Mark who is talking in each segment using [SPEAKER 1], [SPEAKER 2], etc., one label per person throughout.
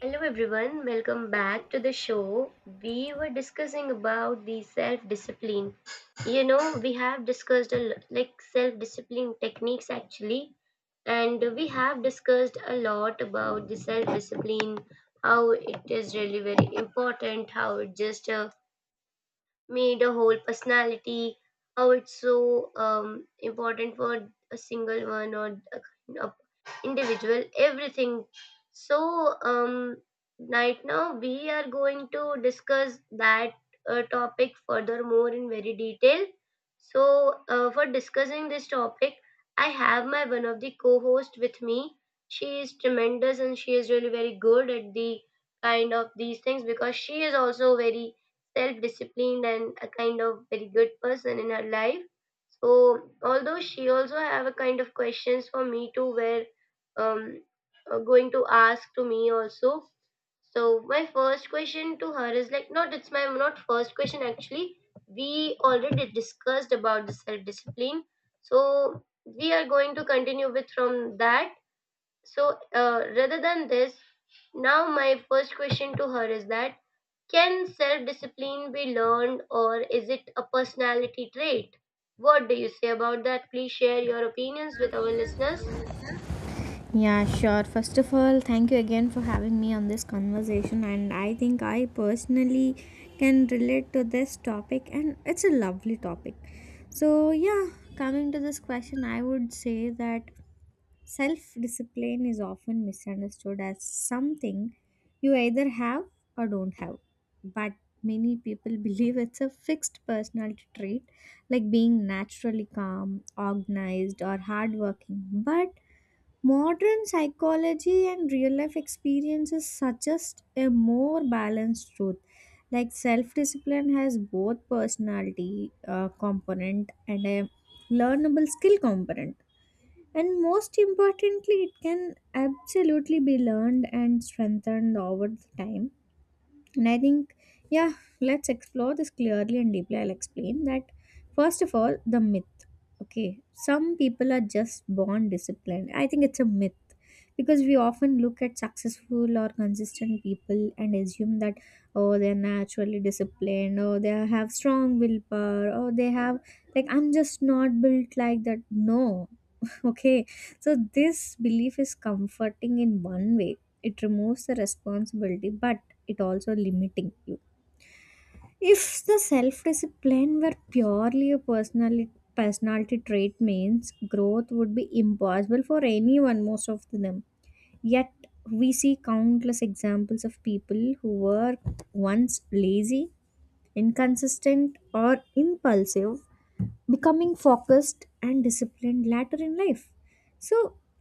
[SPEAKER 1] Hello everyone, welcome back to the show. We were discussing about the self-discipline. You know, we have discussed like self-discipline techniques actually, and we have discussed a lot about the self-discipline, how it is really very important, how it just made a whole personality, how it's so important for a single one or a kind of individual everything. so um, right now we are going to discuss that topic furthermore in very detail. So for discussing this topic, I have my one of the co-host with me. She is tremendous and she is really very good at the kind of these things because she is also very self-disciplined and a kind of very good person in her life. So although she also have a kind of questions for me too, where um going to ask to me also. So my first question to her is like, not it's my not first question actually. We already discussed about the self-discipline. So we are going to continue with from that. So rather than this, now my first question to her is that, can self discipline be learned or is it a personality trait? What do you say about that? Please share your opinions with our listeners.
[SPEAKER 2] Yeah, sure. First of all, thank you again for having me on this conversation. And I think I personally can relate to this topic, and it's a lovely topic. So, yeah, coming to this question, I would say that self discipline is often misunderstood as something you either have or don't have. But many people believe it's a fixed personality trait, like being naturally calm, organized, or hardworking. But modern psychology and real life experiences suggest a more balanced truth. Like self discipline has both personality component and a learnable skill component. And most importantly, it can absolutely be learned and strengthened over the time. And I think, yeah, let's explore this clearly and deeply. I'll explain that first of all, the myth. Okay, some people are just born disciplined. I think it's a myth, because we often look at successful or consistent people and assume that, oh, they're naturally disciplined, or they have strong willpower, or they have, like, I'm just not built like that. No. Okay, so this belief is comforting in one way. It removes the responsibility, but it also limiting you. If the self-discipline were purely a personality trait, means growth would be impossible for anyone, most of them. Yet we see countless examples of people who were once lazy, inconsistent, or impulsive becoming focused and disciplined later in life. So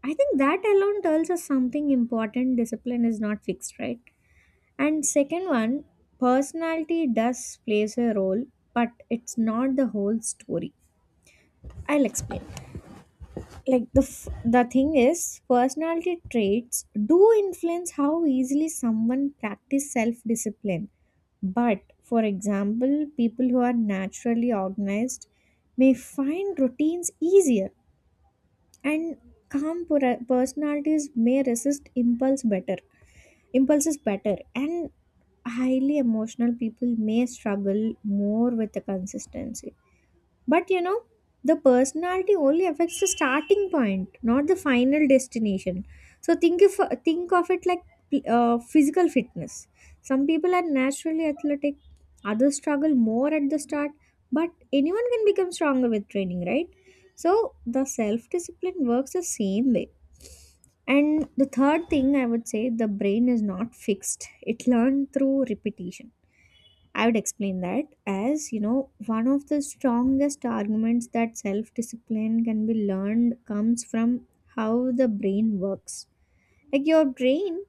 [SPEAKER 2] I think that alone tells us something important. Discipline is not fixed, right? And second one, personality does plays a role, but it's not the whole story. I'll explain. Like the thing is, personality traits do influence how easily someone practice self discipline. But for example, people who are naturally organized may find routines easier, and personalities may resist impulses better, and highly emotional people may struggle more with the consistency. But you know, the personality only affects the starting point, not the final destination. So think of it like physical fitness. Some people are naturally athletic, others struggle more at the start, but anyone can become stronger with training, right? So the self discipline works the same way. And the third thing, I would say the brain is not fixed. It learns through repetition. I would explain that, as you know, one of the strongest arguments that self discipline can be learned comes from how the brain works. Like your brain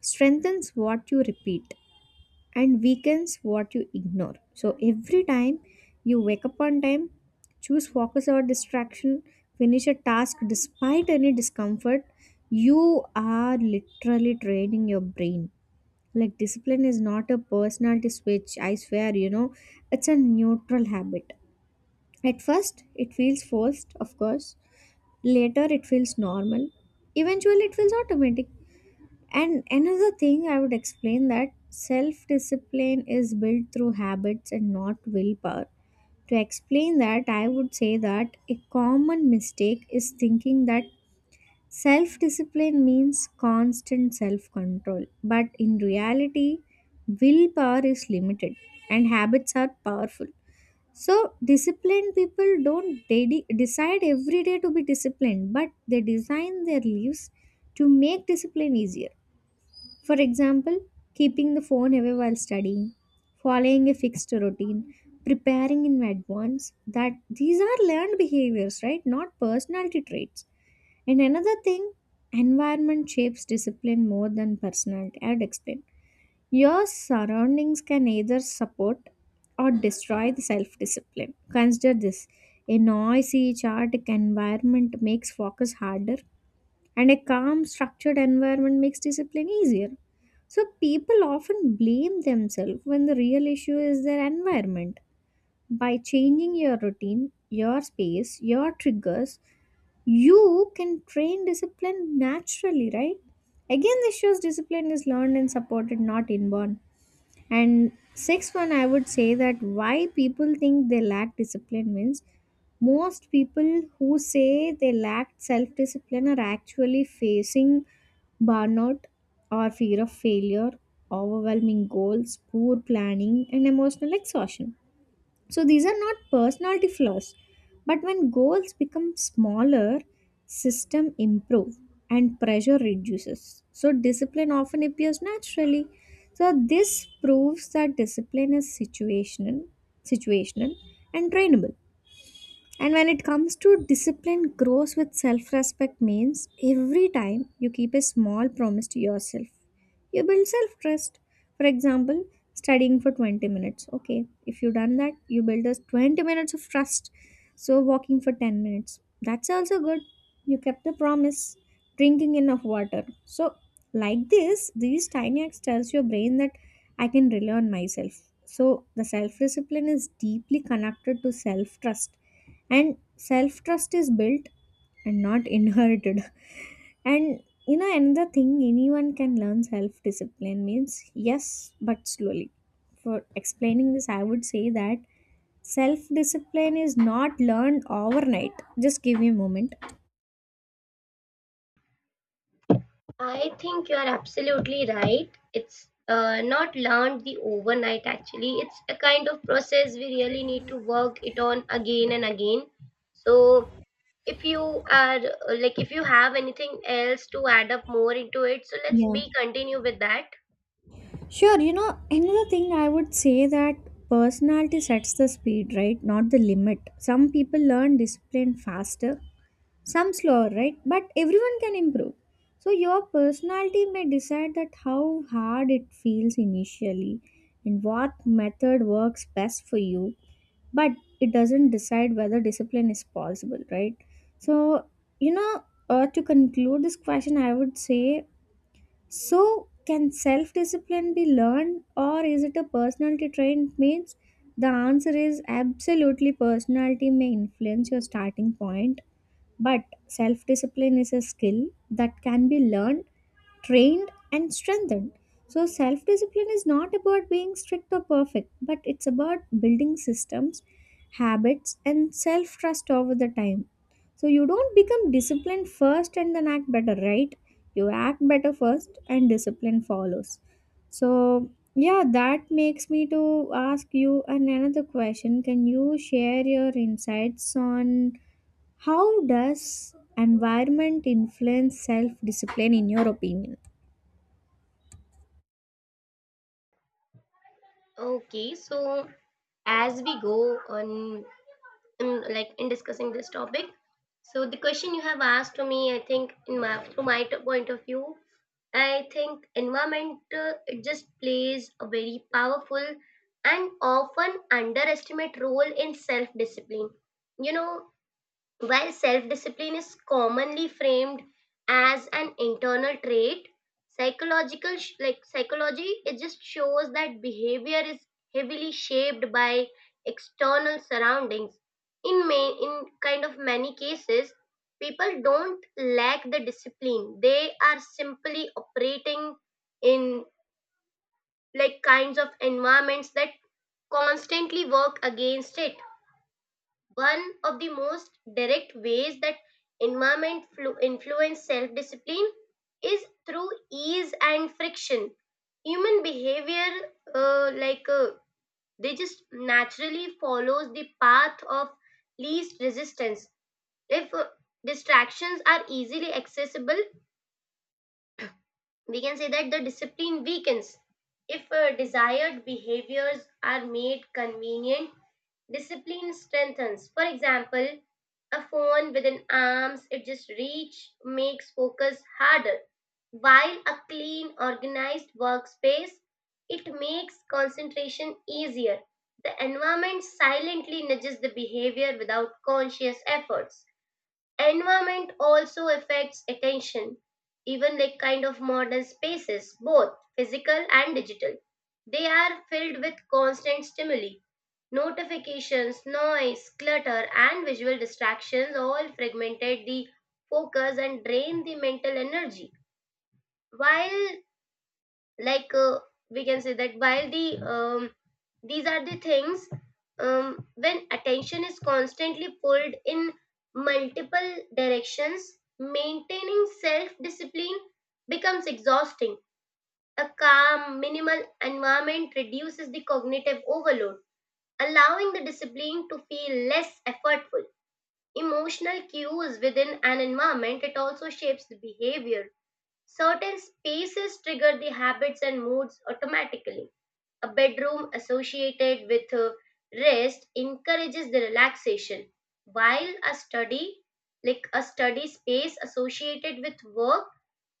[SPEAKER 2] strengthens what you repeat and weakens what you ignore. So every time you wake up on time, choose focus over distraction, finish a task despite any discomfort, you are literally training your brain. Like discipline is not a personality switch, I swear, you know, it's a neutral habit. At first, it feels forced, of course. Later, it feels normal. Eventually, it feels automatic. And another thing, I would explain that self discipline is built through habits and not willpower. To explain that, I would say that a common mistake is thinking that self discipline means constant self control, but in reality, willpower is limited and habits are powerful. So, disciplined people don't decide every day to be disciplined, but they design their lives to make discipline easier. For example, keeping the phone away while studying, following a fixed routine, preparing in advance, that these are learned behaviors, right? Not personality traits. And another thing, environment shapes discipline more than personality. I'd explain. Your surroundings can either support or destroy the self discipline. Consider this: a noisy, chaotic environment makes focus harder, and a calm, structured environment makes discipline easier. So, people often blame themselves when the real issue is their environment. By changing your routine, your space, your triggers, you can train discipline naturally, right? Again, this shows discipline is learned and supported, not inborn. And sixth one, I would say that why people think they lack discipline means most people who say they lack self discipline are actually facing burnout, or fear of failure, overwhelming goals, poor planning, and emotional exhaustion. So these are not personality flaws. But when goals become smaller, system improve, and pressure reduces, so discipline often appears naturally. So this proves that discipline is situational, situational and trainable. And when it comes to discipline grows with self-respect, means every time you keep a small promise to yourself, you build self-trust. For example, studying for 20 minutes. Okay, if you done that, you build us 20 minutes of trust. So walking for 10 minutes. That's also good. You kept the promise. Drinking enough water. So like this, these tiny acts tells your brain that I can rely on myself. So the self-discipline is deeply connected to self-trust, and self trust is built and not inherited. And you know, another thing, anyone can learn self discipline, means yes, but slowly. For explaining this, I would say that self discipline is not learned overnight. Just give me a moment.
[SPEAKER 1] I think you are absolutely right. It's not learned the overnight actually. It's a kind of process we really need to work it on again and again. So if you are like if you have anything else to add up more into it, so let's
[SPEAKER 2] Yeah,
[SPEAKER 1] be continue with that.
[SPEAKER 2] sure. You know, another thing I would say, that personality sets the speed, right, not the limit. Some people learn discipline faster, some slower, right, but everyone can improve. So your personality may decide that how hard it feels initially and what method works best for you, but it doesn't decide whether discipline is possible, right? So, you know, to conclude this question, I would say, so can self discipline be learned or is it a personality trait, means the answer is absolutely. Personality may influence your starting point, but self discipline is a skill that can be learned, trained, and strengthened. So, self discipline is not about being strict or perfect, but it's about building systems, habits, and self trust over the time. So, you don't become disciplined first and then act better, right? You act better first, and discipline follows. So, yeah, that makes me to ask you another question. Can you share your insights on, how does environment influence self discipline in your opinion?
[SPEAKER 1] Okay, so as we go on in, like in discussing this topic. So the question you have asked to me, I think, in my from my point of view, I think environment it just plays a very powerful and often underestimate role in self discipline. You know, while self discipline is commonly framed as an internal trait, like psychology it just shows that behavior is heavily shaped by external surroundings. In kind of many cases, people don't lack the discipline. They are simply operating in like kinds of environments that constantly work against it. One of the most direct ways that environment influence self discipline is through ease and friction. Human behavior, uh, like uh, they just naturally follows the path of least resistance. If distractions are easily accessible, we can say that the discipline weakens. If desired behaviors are made convenient, discipline strengthens. For example, a phone within arms it just reach makes focus harder, while a clean organized workspace, it makes concentration easier. The environment silently nudges the behavior without conscious efforts. Environment also affects attention, even like kind of modern spaces, both physical and digital. They are filled with constant stimuli. Notifications, noise, clutter, and visual distractions all fragmented the focus and drain the mental energy. While like uh, we can say that while the these are the things. When attention is constantly pulled in multiple directions, maintaining self discipline becomes exhausting. A calm minimal environment reduces the cognitive overload, allowing the discipline to feel less effortful. Emotional cues within an environment, it also shapes the behavior. Certain spaces trigger the habits and moods automatically. A bedroom associated with rest encourages the relaxation, while a study, like a study space associated with work,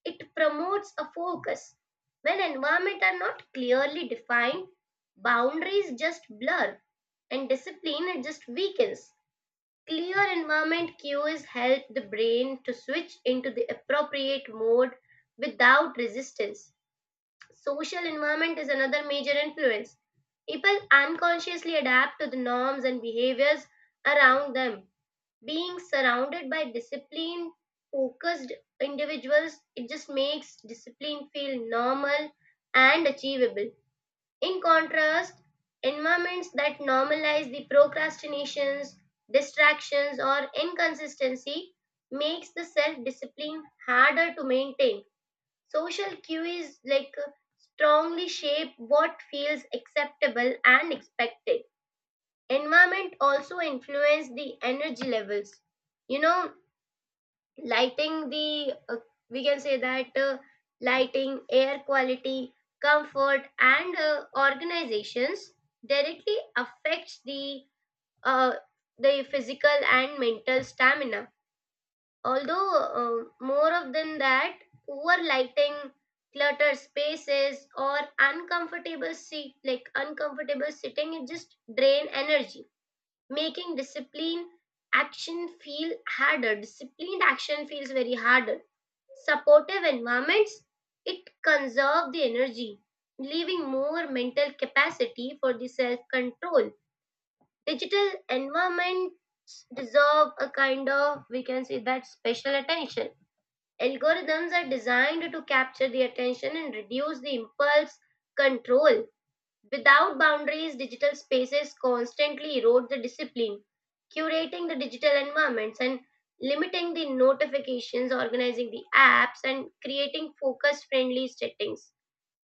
[SPEAKER 1] it promotes a focus. When environments are not clearly defined, boundaries just blur and discipline it just weakens. Clear environment cues help the brain to switch into the appropriate mode without resistance. Social environment is another major influence. People unconsciously adapt to the norms and behaviors around them. Being surrounded by disciplined, focused individuals, it just makes discipline feel normal and achievable. In contrast, environments that normalize the procrastinations, distractions, or inconsistency makes the self-discipline harder to maintain. Social cue is like strongly shape what feels acceptable and expected. Environment also influence the energy levels. You know, lighting the we can say that lighting, air quality, comfort and organizations directly affects uh, the physical and mental stamina, although more of than that, poor lighting, cluttered spaces or uncomfortable seat like uncomfortable sitting it just drain energy, making disciplined action feels very harder. Supportive environments, it conserve the energy, leaving more mental capacity for the self-control. Digital environments deserve a kind of, we can say that, special attention. Algorithms are designed to capture the attention and reduce the impulse control. Without boundaries, digital spaces constantly erode the discipline, curating the digital environments and limiting the notifications, organizing the apps, and creating focus friendly settings.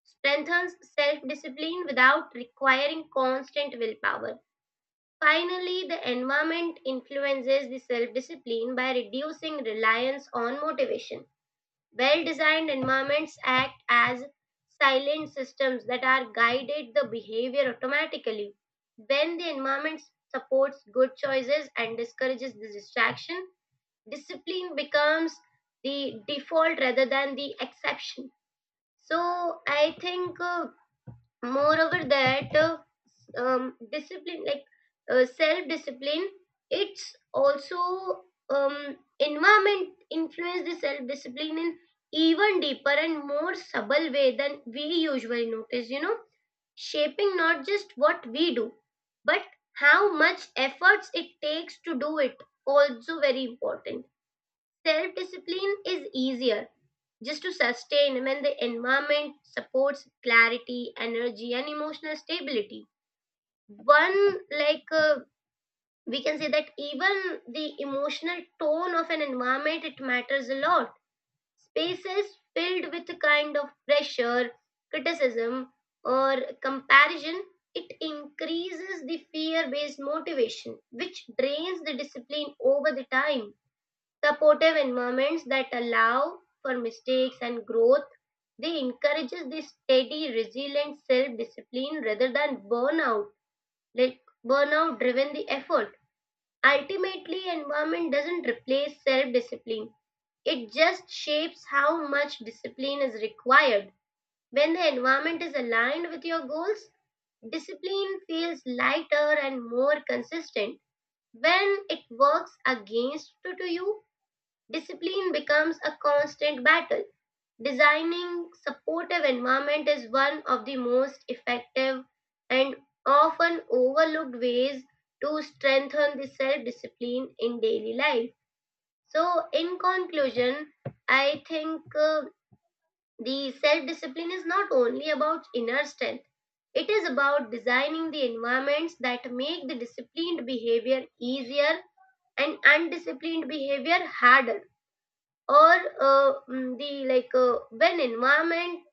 [SPEAKER 1] Strengthens self discipline without requiring constant willpower. Finally, the environment influences the self discipline by reducing reliance on motivation. Well designed environments act as silent systems that are guided the behavior automatically. When the environment supports good choices and discourages the distraction, discipline becomes the default rather than the exception. So I think moreover that discipline like self discipline it's also, environment influence the self discipline in even deeper and more subtle way than we usually notice, you know, shaping not just what we do, but how much efforts it takes to do it. Also very important, self discipline is easier just to sustain when the environment supports clarity, energy and emotional stability. One like We can say that even the emotional tone of an environment, it matters a lot. Spaces filled with a kind of pressure, criticism or comparison, it increases the fear based motivation which drains the discipline over the time. Supportive environments that allow for mistakes and growth, they encourages the steady resilient self discipline rather than burnout, like burnout driven the effort. Ultimately, environment doesn't replace self discipline, it just shapes how much discipline is required. When the environment is aligned with your goals, discipline feels lighter and more consistent. When it works against to you, discipline becomes a constant battle. Designing supportive environment is one of the most effective and often overlooked ways to strengthen the self-discipline in daily life. So, in conclusion, I think the self-discipline is not only about inner strength. It is about designing the environments that make the disciplined behavior easier and undisciplined behavior harder. Or mm, the like when environment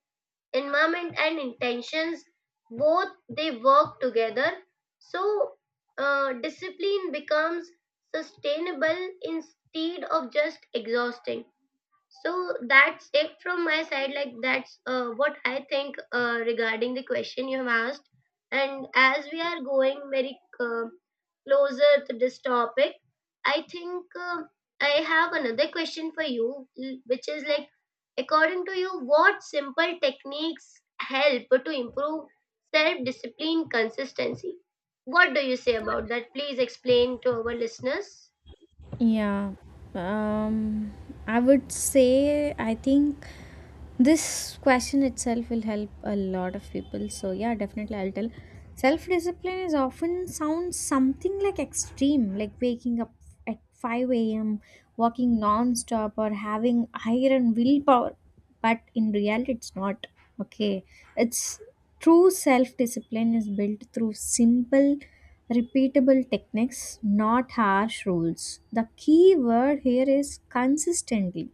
[SPEAKER 1] environment and intentions both, they work together, so discipline becomes sustainable instead of just exhausting. So that's it from my side. Like that's what I think regarding the question you have asked. And as we are going very closer to this topic, I think I have another question for you, which is like, according to you, what simple techniques help to improve self-discipline consistency? What do you say about that? Please explain to our listeners.
[SPEAKER 2] Yeah. Um, I would say, I think this question itself will help a lot of people. So yeah, definitely I'll tell. Self discipline is often sounds something like extreme, like waking up at five a.m., walking non-stop, or having iron willpower. But in reality, it's not. Okay, it's true, self discipline is built through simple repeatable techniques, not harsh rules. The key word here is consistently.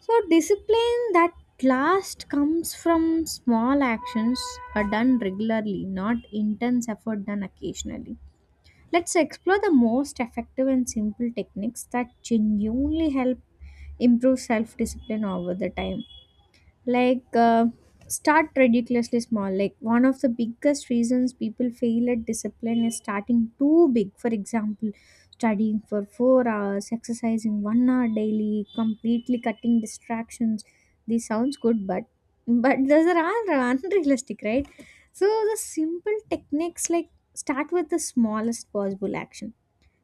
[SPEAKER 2] So, discipline that last comes from small actions are done regularly, not intense effort done occasionally. Let's explore the most effective and simple techniques that genuinely help improve self discipline over the time. Like start ridiculously small. Like one of the biggest reasons people fail at discipline is starting too big. For example, studying for 4 hours, exercising 1 hour daily, completely cutting distractions. This sounds good, but those are all unrealistic, right? So the simple techniques, like start with the smallest possible action.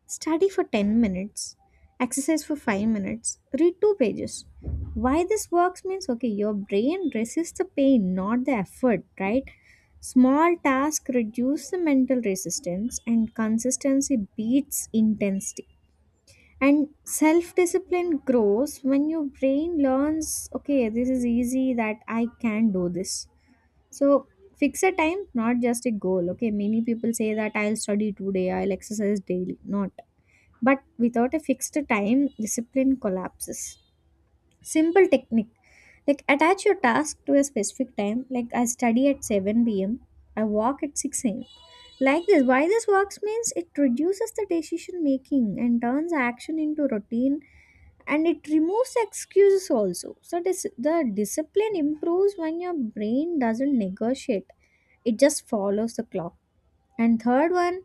[SPEAKER 2] Study for 10 minutes, exercise for 5 minutes, read 2 pages. Why this works, means, okay, your brain resists the pain, not the effort, right? Small tasks reduce the mental resistance, and consistency beats intensity. And self discipline grows when your brain learns, okay, this is easy, that I can do this. So, fix a time, not just a goal. Okay, many people say that I'll study today, I'll exercise daily. Not, but without a fixed time, discipline collapses. Simple technique, like attach your task to a specific time, like I study at 7 p.m., I walk at 6 am. Like this, why this works, means it reduces the decision making and turns action into routine, and it removes excuses also. So, this, the discipline improves when your brain doesn't negotiate, it just follows the clock. And third one,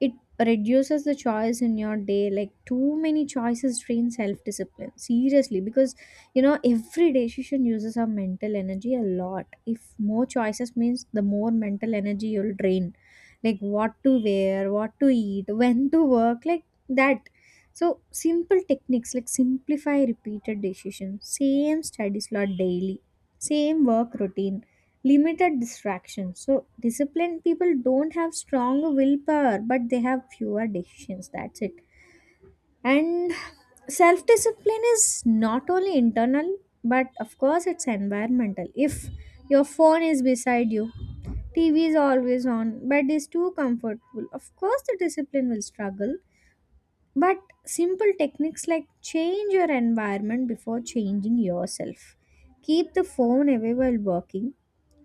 [SPEAKER 2] it reduces the choice in your day. Like too many choices drain self discipline seriously, because you know every decision uses our mental energy a lot. If more choices means the more mental energy you'll drain, like what to wear, what to eat, when to work, like that. So simple techniques, like simplify repeated decisions, same study slot daily, same work routine, limited distraction. So disciplined people don't have strong willpower, but they have fewer decisions. That's it. And self discipline is not only internal, but of course it's environmental. If your phone is beside you, TV is always on, bed is too comfortable. Of course, the discipline will struggle. But simple techniques, like change your environment before changing yourself. Keep the phone away while working.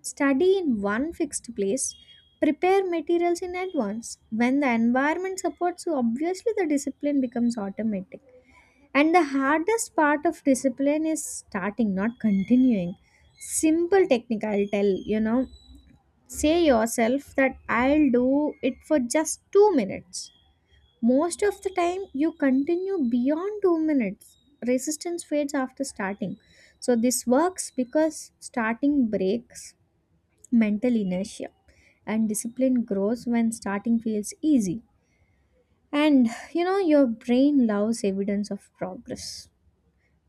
[SPEAKER 2] Study in one fixed place. Prepare materials in advance. When the environment supports you, obviously the discipline becomes automatic. And the hardest part of discipline is starting, not continuing. Simple technique, I'll tell, you know, say yourself that I'll do it for just 2 minutes. Most of the time, you continue beyond 2 minutes. Resistance fades after starting. So, this works because starting breaks mental inertia, and discipline grows when starting feels easy. And you know, your brain loves evidence of progress.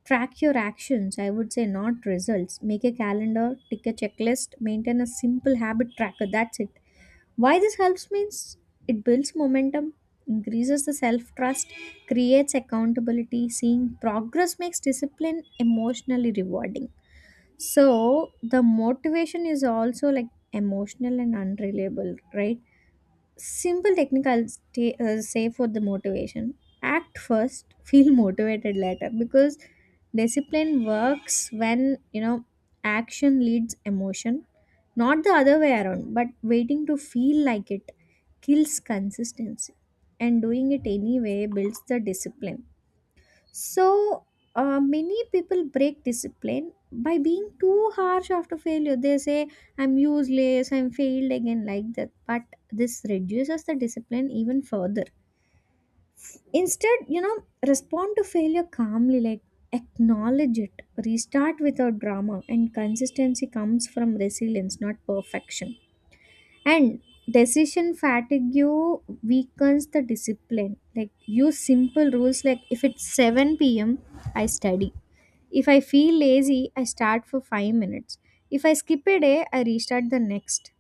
[SPEAKER 2] Track your actions, I would say, not results. Make a calendar, take a checklist, maintain a simple habit tracker. That's it. Why this helps, means it builds momentum, increases the self trust, creates accountability. Seeing progress makes discipline emotionally rewarding. So the motivation is also like emotional and unreliable, right? Simple technique I'll stay, say, for the motivation, act first feel motivated later, because discipline works when you know action leads emotion, not the other way around. But waiting to feel like it kills consistency, and doing it anyway builds the discipline. So, many people break discipline by being too harsh after failure. They say, I'm useless, I'm failed again, like that. But this reduces the discipline even further. Instead, you know, respond to failure calmly, like acknowledge it, restart without drama, and consistency comes from resilience, not perfection. And decision fatigue weakens the discipline, like use simple rules, like if it's 7 p.m, I study. If I feel lazy, I start for 5 minutes. If I skip a day, I restart the next.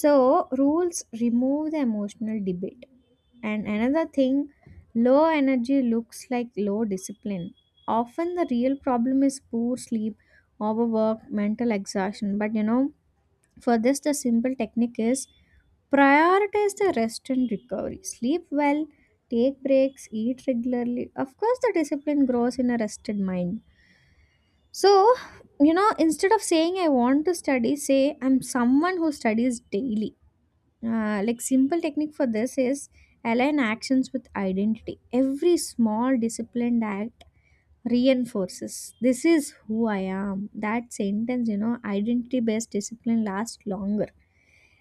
[SPEAKER 2] So rules remove the emotional debate. And another thing, low energy looks like low discipline. Often the real problem is poor sleep, overwork, mental exhaustion. But you know, for this, the simple technique is prioritize the rest and recovery. Sleep well, take breaks, eat regularly. Of course, the discipline grows in a rested mind. So, you know, instead of saying I want to study, say I'm someone who studies daily. Like, simple technique for this is align actions with identity. Every small disciplined act reinforces this is who I am. That sentence, you know, identity based discipline lasts longer.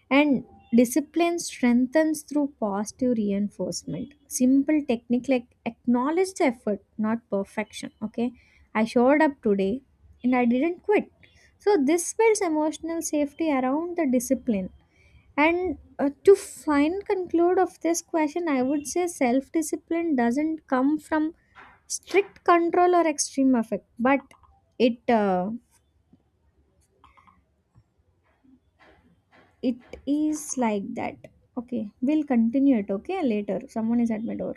[SPEAKER 2] And discipline strengthens through positive reinforcement. Simple technique, like acknowledge the effort, not perfection. Okay, I showed up today and I didn't quit. So, this builds emotional safety around the discipline. And to find conclude of this question, I would say self discipline doesn't come from strict control or extreme effect, but it uh, it is like that. Okay, we'll continue it. Okay, later, someone is at my door.